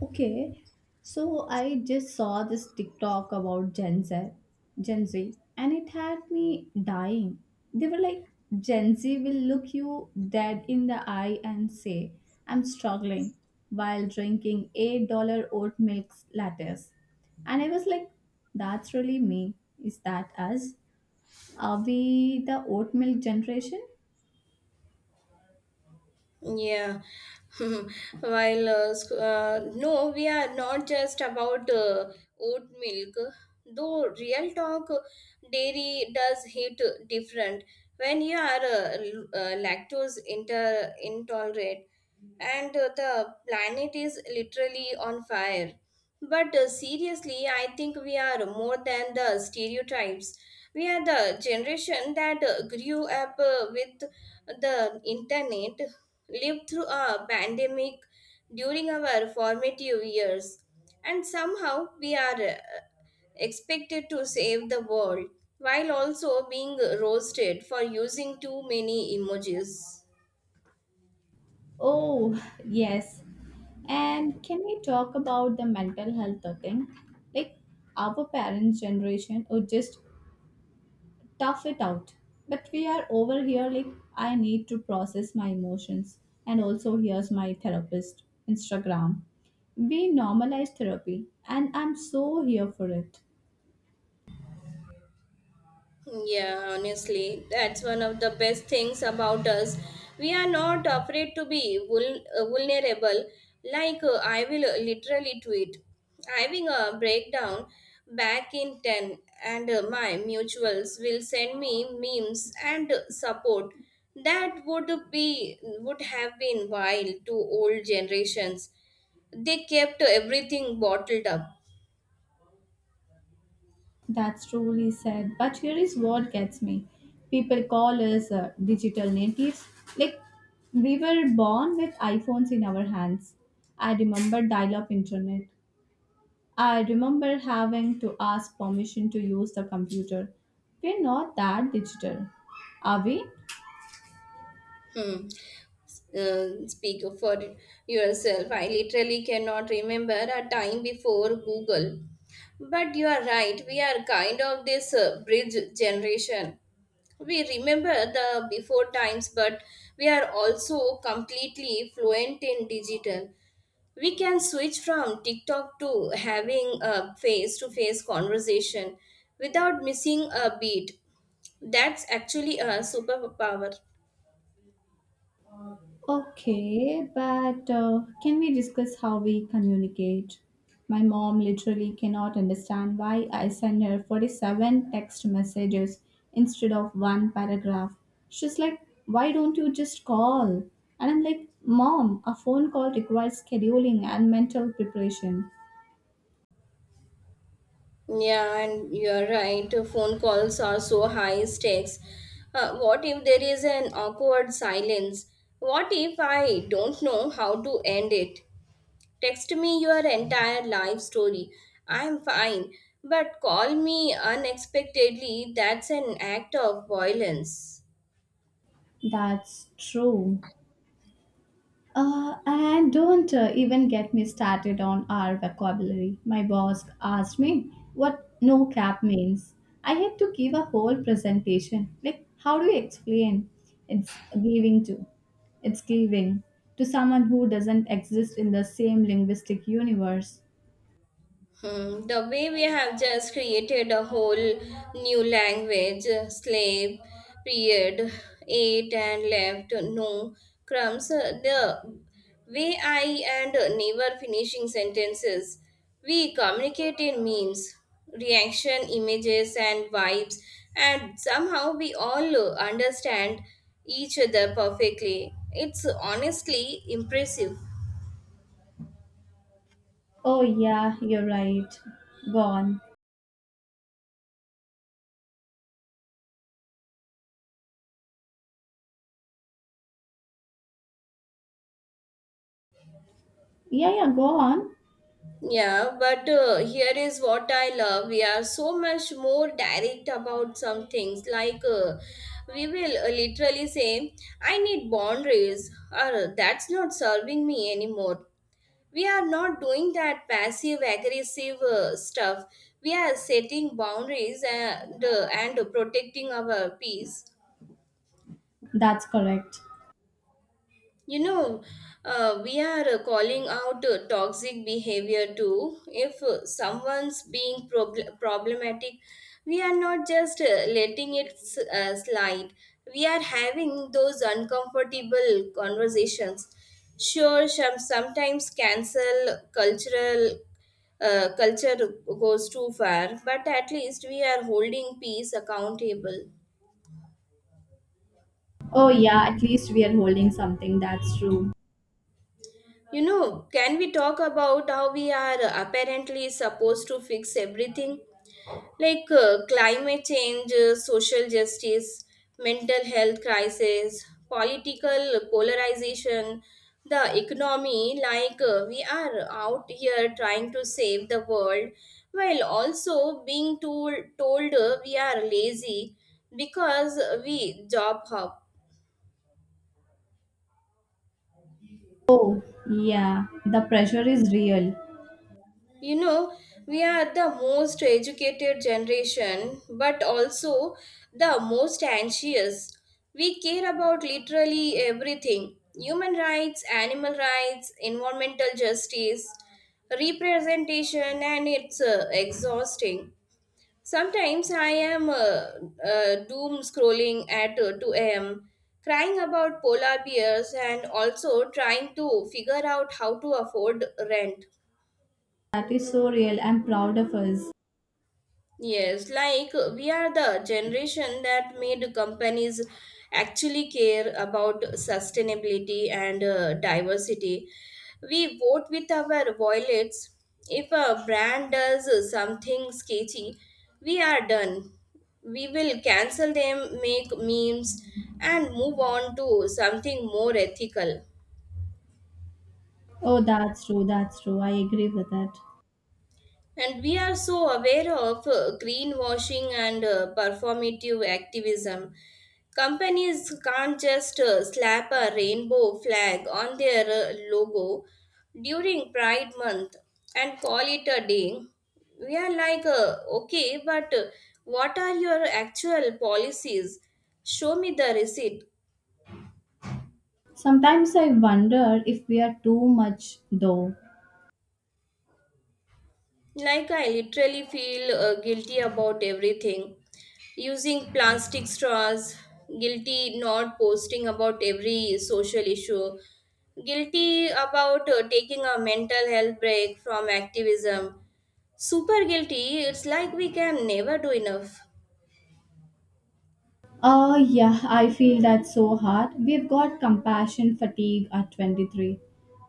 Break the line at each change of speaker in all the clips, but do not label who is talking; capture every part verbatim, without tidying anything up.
Okay, so I just saw this TikTok about Gen Z, Gen Z, and it had me dying. They were like, Gen Z will look you dead in the eye and say, I'm struggling while drinking eight dollars oat milk lattes. And I was like, that's really me. Is that us? Are we the oat milk generation?
Yeah. While uh, sc- uh, no, we are not just about uh, oat milk. Though real talk, uh, dairy does hit different. When you are uh, l- uh, lactose inter- intolerant, and uh, the planet is literally on fire. But uh, seriously, I think we are more than the stereotypes. We are the generation that uh, grew up uh, with the internet, lived through a pandemic during our formative years, and somehow we are uh, expected to save the world while also being roasted for using too many emojis.
Oh, yes. And can we talk about the mental health thing? Like our parents' generation would just tough it out. But we are over here like I need to process my emotions, and also here's my therapist Instagram. We normalize therapy and I'm so here for it.
Yeah, honestly, that's one of the best things about us. We are not afraid to be vul- uh, vulnerable. Like uh, I will uh, literally tweet, having a breakdown back in ten, and uh, my mutuals will send me memes and uh, support. That would be would have been wild to old generations. They kept everything bottled up.
That's truly sad. But here is what gets me. People call us uh, digital natives. Like, we were born with iPhones in our hands. I remember dial up internet. I remember having to ask permission to use the computer. We're not that digital, are we?
Hmm. Uh, speak for yourself. I literally cannot remember a time before Google. But you are right, we are kind of this uh, bridge generation. We remember the before times, but we are also completely fluent in digital. We can switch from TikTok to having a face to face conversation without missing a beat. That's actually a superpower.
Okay, but uh, can we discuss how we communicate? My mom literally cannot understand why I send her forty-seven text messages instead of one paragraph. She's like, why don't you just call? And I'm like, Mom, a phone call requires scheduling and mental preparation.
Yeah, and you're right. Phone calls are so high stakes. Uh, what if there is an awkward silence? What if I don't know how to end it? Text me your entire life story. I'm fine. But call me unexpectedly. That's an act of violence.
That's true. Uh, and don't uh, even get me started on our vocabulary. My boss asked me what no cap means. I had to give a whole presentation. Like, how do you explain? It's giving to. It's giving to someone who doesn't exist in the same linguistic universe.
Hmm, the way we have just created a whole new language, uh, slave, period, ate and left, no crumbs, uh, the way I and uh, never finishing sentences. We communicate in memes, reaction, images, and vibes, and somehow we all uh, understand each other perfectly. It's honestly impressive.
Oh, yeah, you're right. Go on. Yeah, yeah, go on.
Yeah, but uh, here is what I love. We are so much more direct about some things. Like, uh, we will uh, literally say, I need boundaries, or that's not serving me anymore. We are not doing that passive aggressive uh, stuff. We are setting boundaries and, uh, and protecting our peace.
That's correct.
You know, uh, we are uh, calling out uh, toxic behavior too. If uh, someone's being prob- problematic, we are not just uh, letting it s- uh, slide. We are having those uncomfortable conversations. Sure, some, sometimes cancel cultural uh, culture goes too far, but at least we are holding peace accountable.
Oh, yeah, at least we are holding something. That's true.
You know, can we talk about how we are apparently supposed to fix everything? Like uh, climate change, uh, social justice, mental health crisis, political polarization, the economy. Like uh, we are out here trying to save the world while also being told, told uh, we are lazy because we job hop.
Oh, yeah, the pressure is real.
You know, we are the most educated generation, but also the most anxious. We care about literally everything: human rights, animal rights, environmental justice, representation, and it's uh, exhausting. Sometimes I am uh, uh, doom scrolling at uh, two a m, crying about polar bears and also trying to figure out how to afford rent.
That is so real. I'm proud of us.
Yes, like uh, we are the generation that made companies actually care about sustainability and uh, diversity. We vote with our wallets. If a brand does uh, something sketchy, we are done. We will cancel them, make memes, and move on to something more ethical.
Oh, that's true. That's true. I agree with that.
And we are so aware of uh, greenwashing and uh, performative activism. Companies can't just uh, slap a rainbow flag on their uh, logo during Pride Month and call it a day. We are like, uh, okay, but uh, what are your actual policies? Show me the receipt.
Sometimes I wonder if we are too much, though.
Like, I literally feel uh, guilty about everything. Using plastic straws, guilty not posting about every social issue, guilty about uh, taking a mental health break from activism. Super guilty, it's like we can never do enough.
Oh, yeah, I feel that's so hard. We've got compassion fatigue at twenty-three.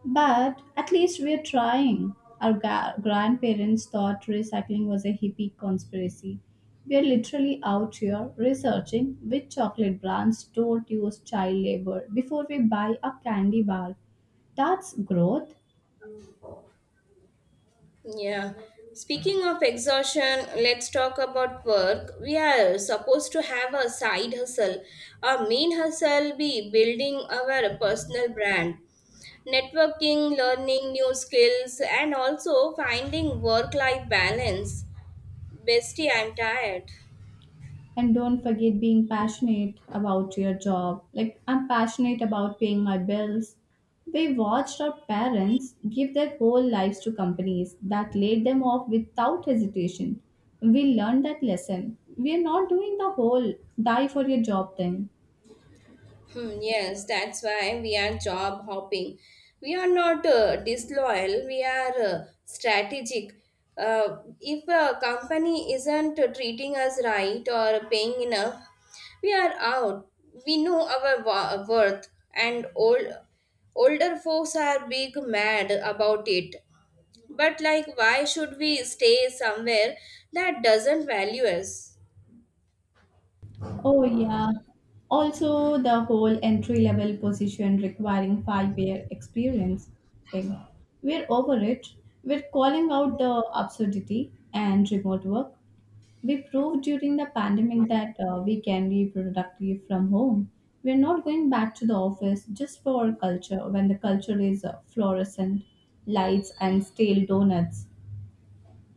But at least we're trying. Our ga- grandparents thought recycling was a hippie conspiracy. We're literally out here researching which chocolate brands don't use child labor before we buy a candy bar. That's growth.
Yeah. Speaking of exhaustion, let's talk about work. We are supposed to have a side hustle. Our main hustle be building our personal brand, networking, learning new skills, and also finding work life balance. Bestie, I'm tired.
And don't forget being passionate about your job. Like, I'm passionate about paying my bills. We watched our parents give their whole lives to companies that laid them off without hesitation. We learned that lesson. We are not doing the whole die for your job thing.
Hmm, yes, that's why we are job hopping. We are not uh, disloyal, we are uh, strategic. Uh, if a company isn't treating us right or paying enough, we are out. We know our wa- worth, and old, older folks are big mad about it. But, like, why should we stay somewhere that doesn't value us?
Oh, yeah. Also, the whole entry level position requiring five year experience thing. We're over it. We're calling out the absurdity and remote work. We proved during the pandemic that uh, we can be productive from home. We're not going back to the office just for our culture when the culture is uh, fluorescent lights and stale donuts.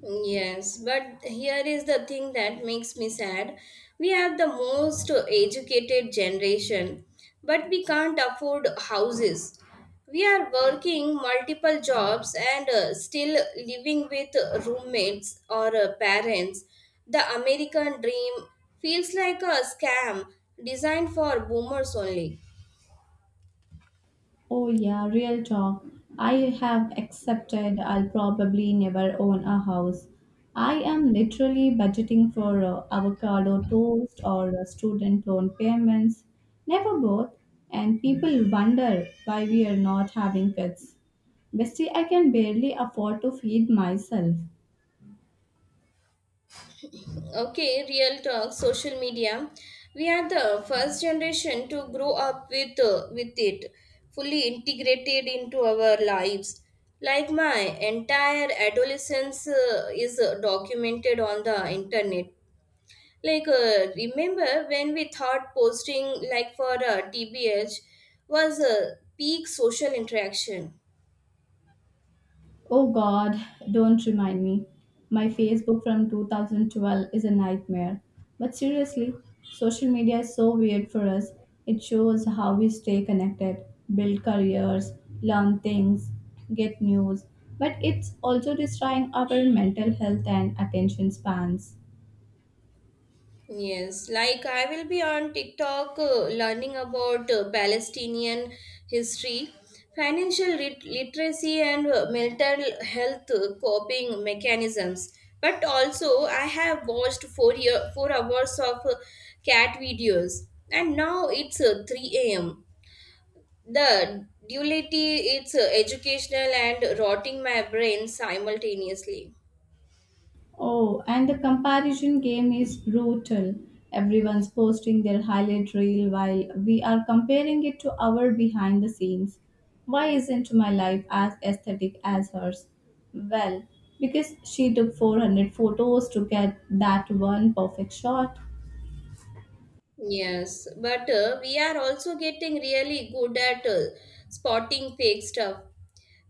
Yes, but here is the thing that makes me sad. We have the most educated generation, but we can't afford houses. We are working multiple jobs and uh, still living with roommates or uh, parents. The American dream feels like a scam designed for boomers only.
Oh, yeah, real talk. I have accepted I'll probably never own a house. I am literally budgeting for uh, avocado toast or uh, student loan payments, never both. And people wonder why we are not having kids. Bestie, I can barely afford to feed myself.
Okay, real talk, social media. We are the first generation to grow up with uh, with it, fully integrated into our lives. Like my entire adolescence uh, is uh, documented on the internet. Like uh, remember when we thought posting like for uh, T B H was a peak social interaction.
Oh God, don't remind me. My Facebook from two thousand twelve is a nightmare. But seriously, social media is so weird for us. It shows how we stay connected, build careers, learn things, get news, but it's also destroying our mental health and attention spans.
Yes, like I will be on TikTok uh, learning about uh, Palestinian history, financial lit- literacy, and uh, mental health uh, coping mechanisms. But also, I have watched four year four hours of uh, cat videos, and now it's uh, three a m. The duality, it's uh, educational and rotting my brain simultaneously.
Oh, and the comparison game is brutal. Everyone's posting their highlight reel while we are comparing it to our behind the scenes. Why isn't my life as aesthetic as hers? Well, because she took four hundred photos to get that one perfect shot.
Yes, but uh, we are also getting really good at uh, spotting fake stuff.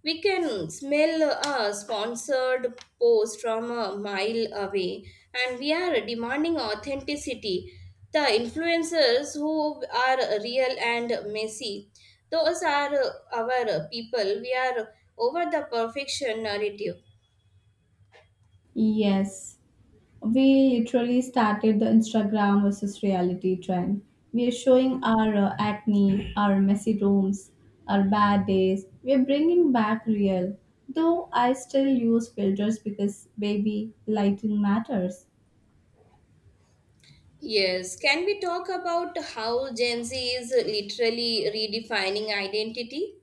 We can smell a sponsored post from a mile away, and we are demanding authenticity. The influencers who are real and messy, those are uh, our people. We are over the perfection narrative.
Yes, we literally started the Instagram versus reality trend. We are showing our uh, acne, our messy rooms, our bad days. We are bringing back real. Though I still use filters because, baby, lighting matters.
Yes, can we talk about how Gen Z is literally redefining identity?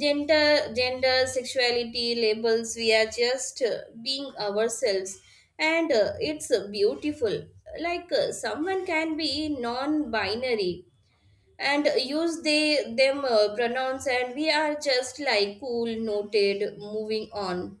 gender gender sexuality, labels, we are just uh, being ourselves, and uh, it's uh, beautiful. Like, uh, someone can be non-binary and use they them uh, pronouns, and we are just like, cool, noted, moving on.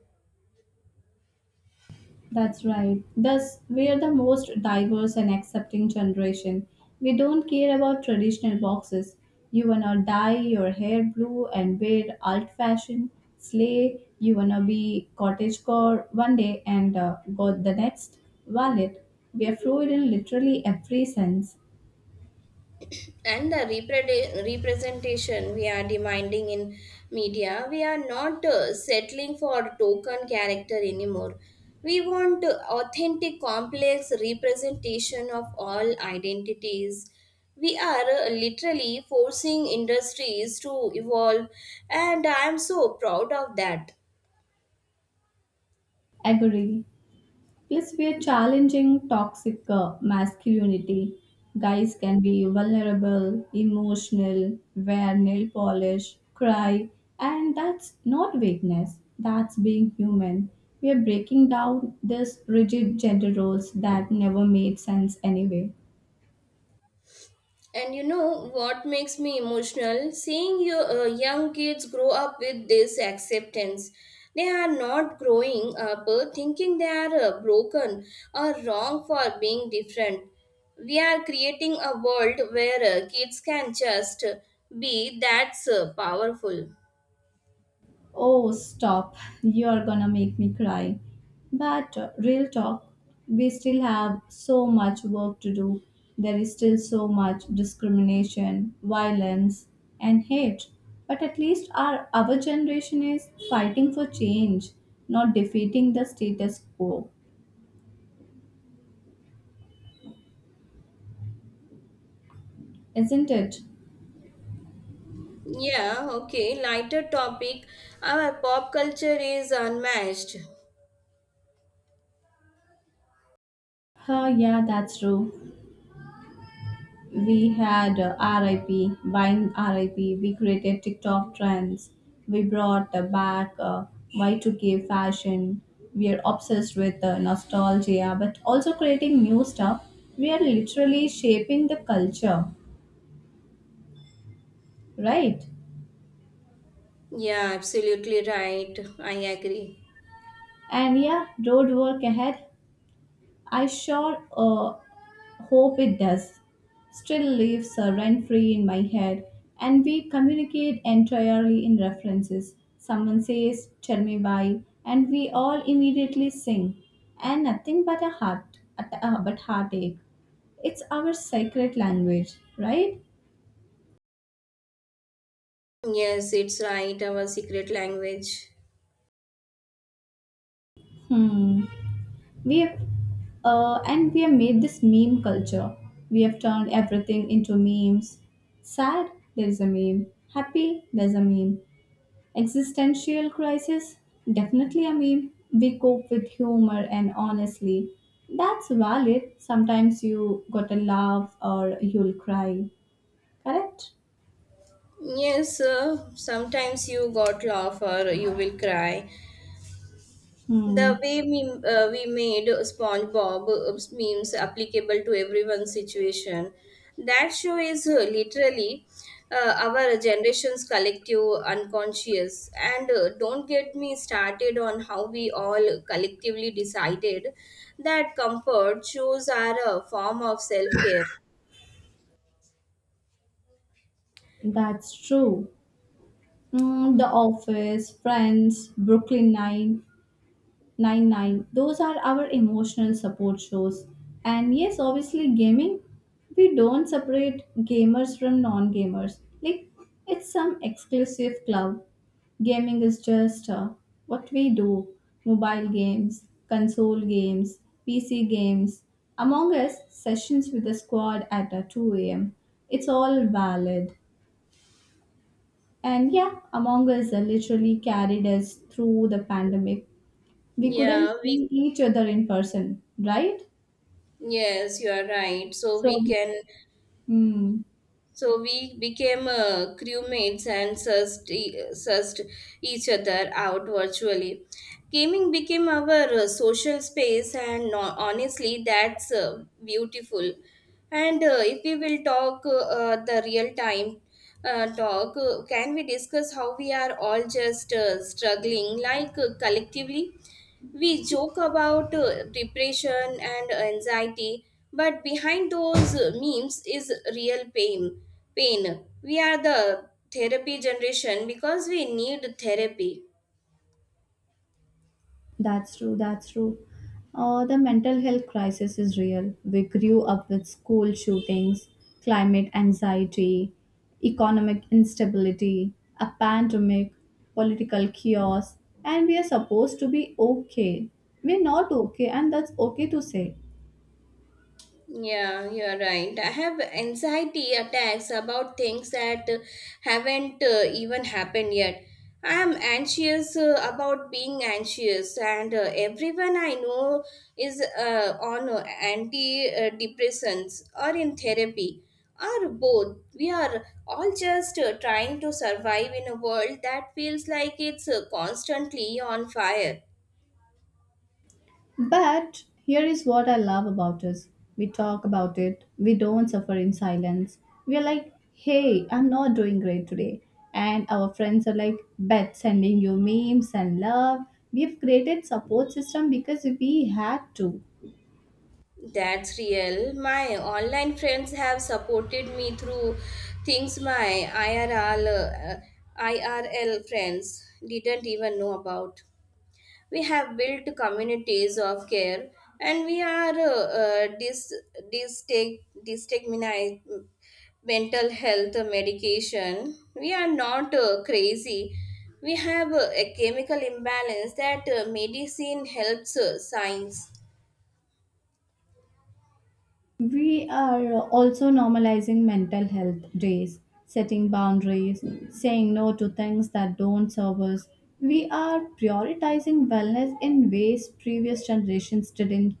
That's right. Thus, we are the most diverse and accepting generation. We don't care about traditional boxes. You wanna dye your hair blue and wear alt fashion, slay, you wanna be cottagecore one day and uh, go the next, wallet. We are fluid in literally every sense.
And the repre- representation we are demanding in media, we are not uh, settling for token character anymore. We want uh, authentic complex representation of all identities. We are uh, literally forcing industries to evolve, and I am so proud of that.
Agree. Plus, we are challenging toxic uh, masculinity. Guys can be vulnerable, emotional, wear nail polish, cry, and that's not weakness, that's being human. We are breaking down these rigid gender roles that never made sense anyway.
And you know what makes me emotional? Seeing your uh, young kids grow up with this acceptance. They are not growing up uh, thinking they are uh, broken or wrong for being different. We are creating a world where uh, kids can just uh, be. That's uh, powerful.
Oh, stop. You're gonna make me cry. But uh, real talk, we still have so much work to do. There is still so much discrimination, violence, and hate. But at least our, our generation is fighting for change, not defeating the status quo. Isn't it?
Yeah, okay, lighter topic. Our pop culture is unmatched.
Huh, yeah, that's true. We had uh, R I P, buying R I P, we created TikTok trends, we brought uh, back uh, Y two K fashion, we are obsessed with uh, nostalgia, but also creating new stuff. We are literally shaping the culture, right?
Yeah, absolutely right. I agree.
And yeah, road work ahead. I sure uh, hope it does. Still lives uh, rent free in my head, and we communicate entirely in references. Someone says, tell me why, and we all immediately sing, and nothing but a heart, at- uh, but heartache. It's our sacred language, right?
Yes, it's right, our secret language.
Hmm. We have, uh, and we have made this meme culture. We have turned everything into memes. Sad, there's a meme. Happy, there's a meme. Existential crisis? Definitely, I mean, we cope with humor and honestly, that's valid. Sometimes you gotta laugh or you'll cry. Correct?
Yes, uh, sometimes you got laugh or you will cry.
Hmm,
The way we, uh, we made SpongeBob uh, memes applicable to everyone's situation. That show is uh, literally uh, our generation's collective unconscious. And uh, don't get me started on how we all collectively decided that comfort shows are a form of self care.
that's true. Mm, the Office, Friends, Brooklyn Nine, Nine Nine. Those are our emotional support shows. And yes, obviously, gaming, we don't separate gamers from non gamers. Like, it's some exclusive club. Gaming is just uh, what we do mobile games, console games, P C games. Among Us sessions with the squad at uh, two a m. It's all valid. And yeah, Among Us uh, literally carried us through the pandemic we couldn't
Yeah, we
see each other in person, right?
Yes, you are right. So
So,
we
we-
can,
hmm,
so we became uh, crewmates and sussed, e- sussed each other out virtually. Gaming became our uh, social space, and no, honestly, that's uh, beautiful. And uh, if we will talk uh, uh, the real time uh, talk, uh, can we discuss how we are all just uh, struggling like uh, collectively? We joke about uh, depression and anxiety, but behind those uh, memes is real pain. Pain. We are the therapy generation because we need therapy.
that's true, that's true. Uh, the mental health crisis is real. We grew up with school shootings, climate anxiety, economic instability, a pandemic, political chaos, and we are supposed to be okay. We're not okay, and that's okay to say.
Yeah, you're right. I have anxiety attacks about things that uh, haven't uh, even happened yet. I am anxious uh, about being anxious, and uh, everyone I know is uh, on uh, antidepressants or in therapy or both. We are all just uh, trying to survive in a world that feels like it's uh, constantly on fire.
But here is what I love about us. We talk about it. We don't suffer in silence. We are like, hey, I'm not doing great today. And our friends are like, bet sending you memes and love. We've created support system because we had to.
That's real. My online friends have supported me through things my I R L, uh, I R L friends didn't even know about. We have built communities of care, and we are uh, uh, dis, distag, distigmini- mental health medication. We are not uh, crazy. We have uh, a chemical imbalance that uh, medicine helps, uh, science.
We are also normalizing mental health days, setting boundaries, saying no to things that don't serve us. We are prioritizing wellness in ways previous generations didn't.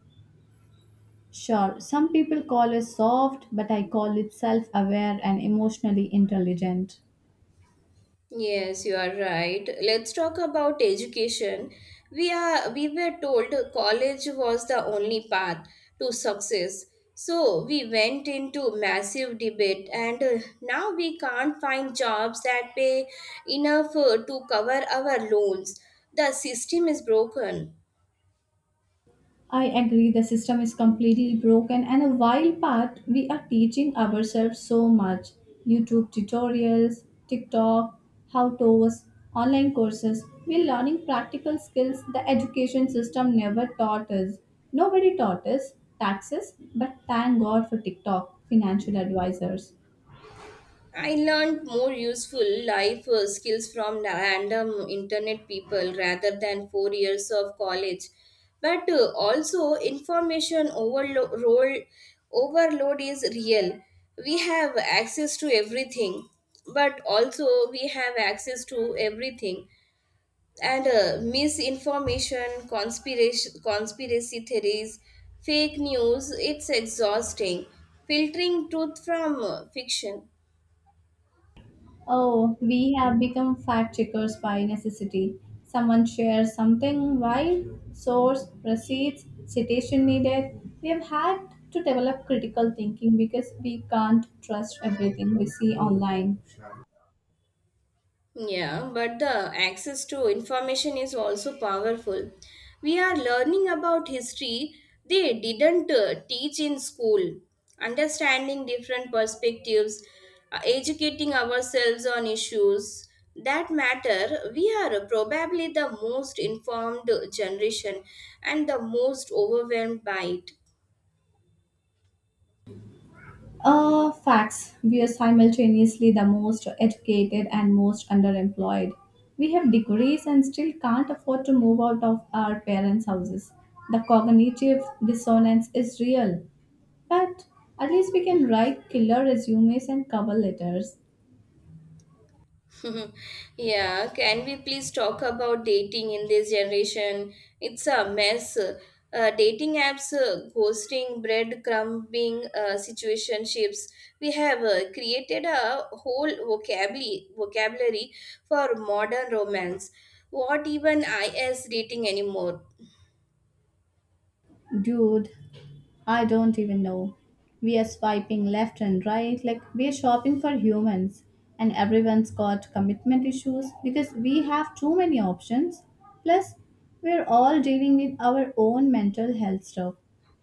Sure, some people call us soft, but I call it self aware and emotionally intelligent.
Yes, you are right. Let's talk about education. We are we were told college was the only path to success. So we went into massive debate and uh, now we can't find jobs that pay enough uh, to cover our loans. The system is broken.
I agree the system is completely broken, and a while back we are teaching ourselves so much YouTube tutorials, TikTok, how to's, online courses. We're learning practical skills the education system never taught us. Nobody taught us taxes, but thank God for TikTok, financial advisors.
I learned more useful life uh, skills from random internet people rather than four years of college. But uh, also, information overload role- overload is real. We have access to everything, but also we have access to everything. And uh, misinformation, conspiracy, conspiracy theories, fake news, it's exhausting. Filtering truth from uh, fiction.
Oh, we have become fact checkers by necessity. Someone shares something wild, source, receipts, citation needed. We have had to develop critical thinking because we can't trust everything we see online.
Yeah, but the access to information is also powerful. We are learning about history they didn't uh, teach in school, understanding different perspectives, uh, educating ourselves on issues that matter. We are probably the most informed generation and the most overwhelmed by it.
Uh, facts. We are simultaneously the most educated and most underemployed. We have degrees and still can't afford to move out of our parents' houses. The cognitive dissonance is real. But at least we can write killer resumes and cover letters.
Yeah, can we please talk about dating in this generation? It's a mess. Uh, dating apps, uh, ghosting, breadcrumbing, uh, situationships. We have uh, created a whole vocabulary vocabulary for modern romance. What even is dating anymore?
Dude, I don't even know. We are swiping left and right like we're shopping for humans, and everyone's got commitment issues because we have too many options. Plus, we're all dealing with our own mental health stuff.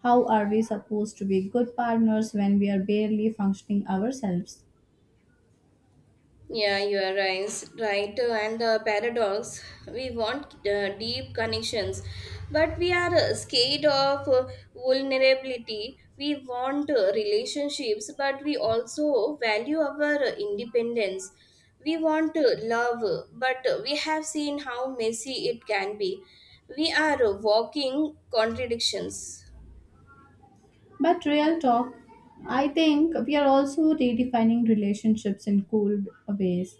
How are we supposed to be good partners when we are barely functioning ourselves?
Yeah, you are right. Right, uh, and the paradox. We want uh, deep connections, but we are uh, scared of uh, vulnerability. We want uh, relationships, but we also value our uh, independence. We want uh, love, but we have seen how messy it can be. We are uh, walking contradictions.
But, real talk, I think we are also redefining relationships in cool ways.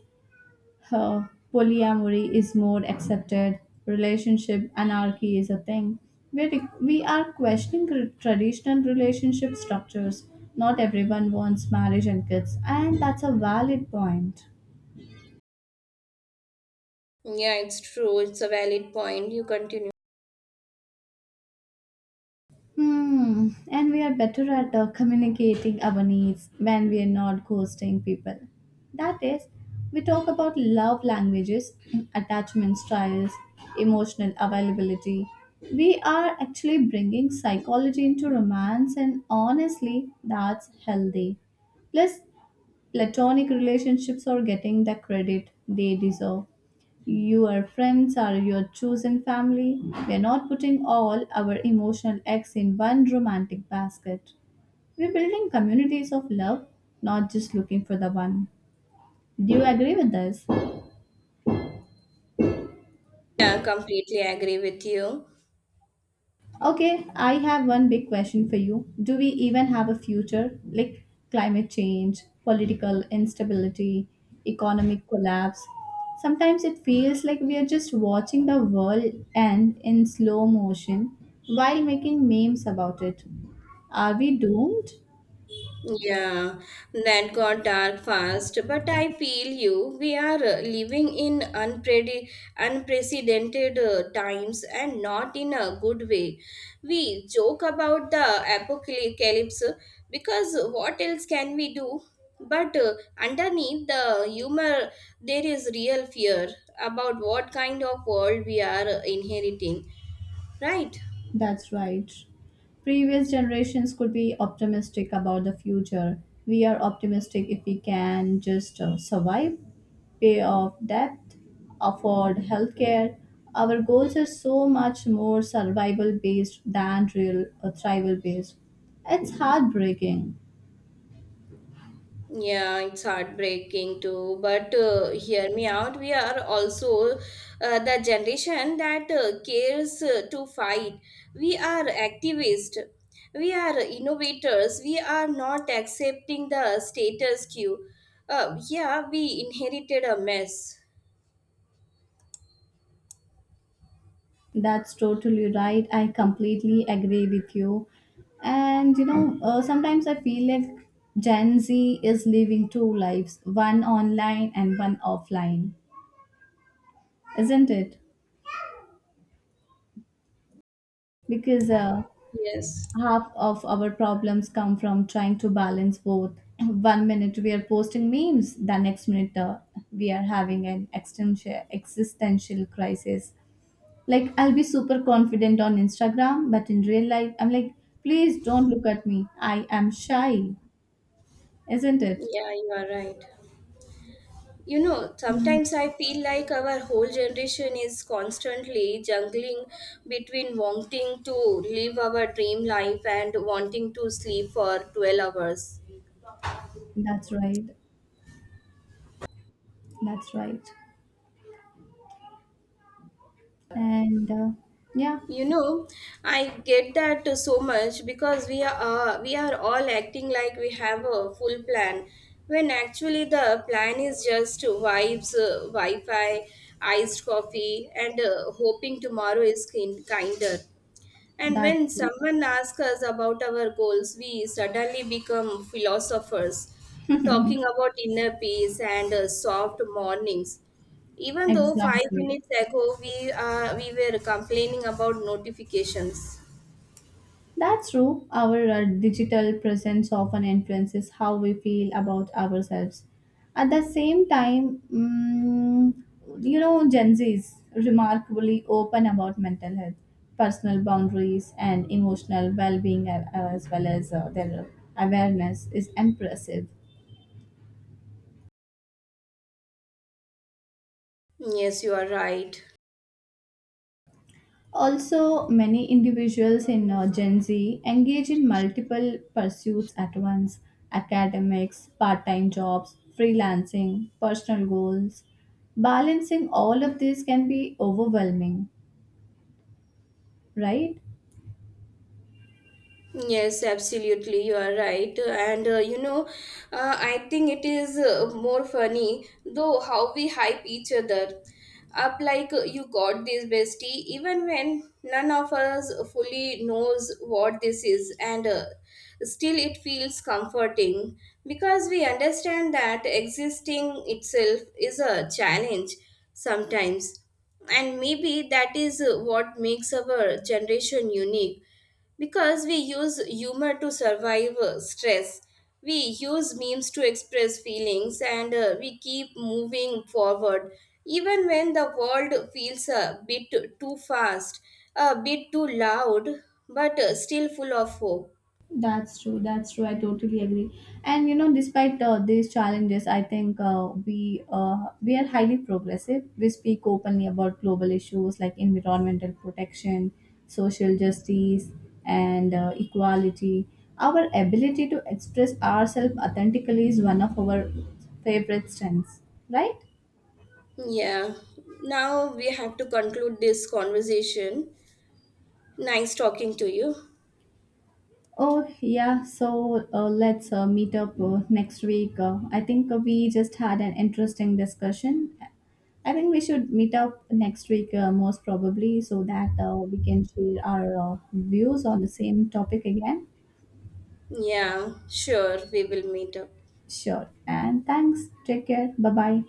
Huh, polyamory is more accepted. Relationship anarchy is a thing. We, we are questioning tr- traditional relationship structures. Not everyone wants marriage and kids, and that's a valid point.
Yeah, it's true. It's a valid point. You continue.
Hmm, and we are better at uh, communicating our needs when we are not ghosting people. That is, we talk about love languages, attachment styles, emotional availability. We are actually bringing psychology into romance, and honestly, that's healthy. Plus, platonic relationships are getting the credit they deserve. Your friends are your chosen family. We are not putting all our emotional eggs in one romantic basket. We're building communities of love, not just looking for the one. Do you agree with this?
Yeah, completely agree with you.
Okay, I have one big question for you. Do we even have a future? Like climate change, political instability, economic collapse. Sometimes it feels like we are just watching the world end in slow motion while making memes about it. Are we doomed?
Yeah, that got dark fast, but I feel you. We are uh, living in unpredi- unprecedented uh, times and not in a good way. We joke about the apocalypse because what else can we do? But uh, underneath the humor, there is real fear about what kind of world we are uh, inheriting, right?
That's right. Previous generations could be optimistic about the future. We are optimistic if we can just uh, survive, pay off debt, afford healthcare. Our goals are so much more survival based than real or thrival based. It's heartbreaking.
Yeah, it's heartbreaking too. But uh, hear me out. We are also uh, the generation that uh, cares uh, to fight. We are activists. We are innovators. We are not accepting the status quo. Uh, yeah, we inherited a mess.
That's totally right. I completely agree with you. And you know, uh, sometimes I feel like Gen Z is living two lives, one online and one offline, isn't it? Because uh,
Yes.
half of our problems come from trying to balance both. One minute we are posting memes, the next minute uh, we are having an extensi- existential crisis. Like, I'll be super confident on Instagram, but in real life, I'm like, please don't look at me. I am shy, isn't it?
Yeah, you are right. You know
Mm,
sometimes I feel like our whole generation is constantly juggling between wanting to live our dream life and wanting to sleep for twelve hours.
that's right. That's right. And uh, yeah,
you know I get that so much because we are uh, we are all acting like we have a full plan, when actually the plan is just vibes, uh, wi-fi, iced coffee, and uh, hoping tomorrow is kin- kinder. And
that's
when
true.
someone asks us about our goals, we suddenly become philosophers, talking about inner peace and uh, soft mornings. Even though five
Exactly.
minutes ago we uh, we were complaining about notifications.
That's true. Our uh, digital presence often influences how we feel about ourselves. At the same time, mm, you know, Gen Z is remarkably open about mental health, personal boundaries, and emotional well being, as well as uh, their awareness is impressive.
Yes, you are right.
Also, many individuals in uh, Gen Z engage in multiple pursuits at once academics, part time jobs, freelancing, personal goals. Balancing all of this can be overwhelming, right?
Yes, absolutely, you are right. And uh, you know, uh, I think it is uh, more funny though how we hype each other up like, uh, you got this bestie, even when none of us fully knows what this is, and uh, still it feels comforting because we understand that existing itself is a challenge sometimes, and maybe that is uh, what makes our generation unique, because we use humor to survive uh, stress, we use memes to express feelings, and uh, we keep moving forward. Even when the world feels a bit too fast, a bit too loud, but uh, still full of hope.
That's true. That's true. I totally agree. And you know, despite uh, these challenges, I think uh, we uh, we are highly progressive. We speak openly about global issues like environmental protection, social justice, and uh, equality. Our ability to express ourselves authentically is one of our favorite strengths, right?
Yeah, now we have to conclude this conversation. Nice talking to you.
Oh, yeah. So uh, let's uh, meet up uh, next week. Uh, I think uh, we just had an interesting discussion. I think we should meet up next week, uh, most probably, so that uh, we can share our uh, views on the same topic again.
Yeah, sure, we will meet up.
Sure. And thanks. Take care. Bye bye.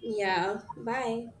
Yeah, bye.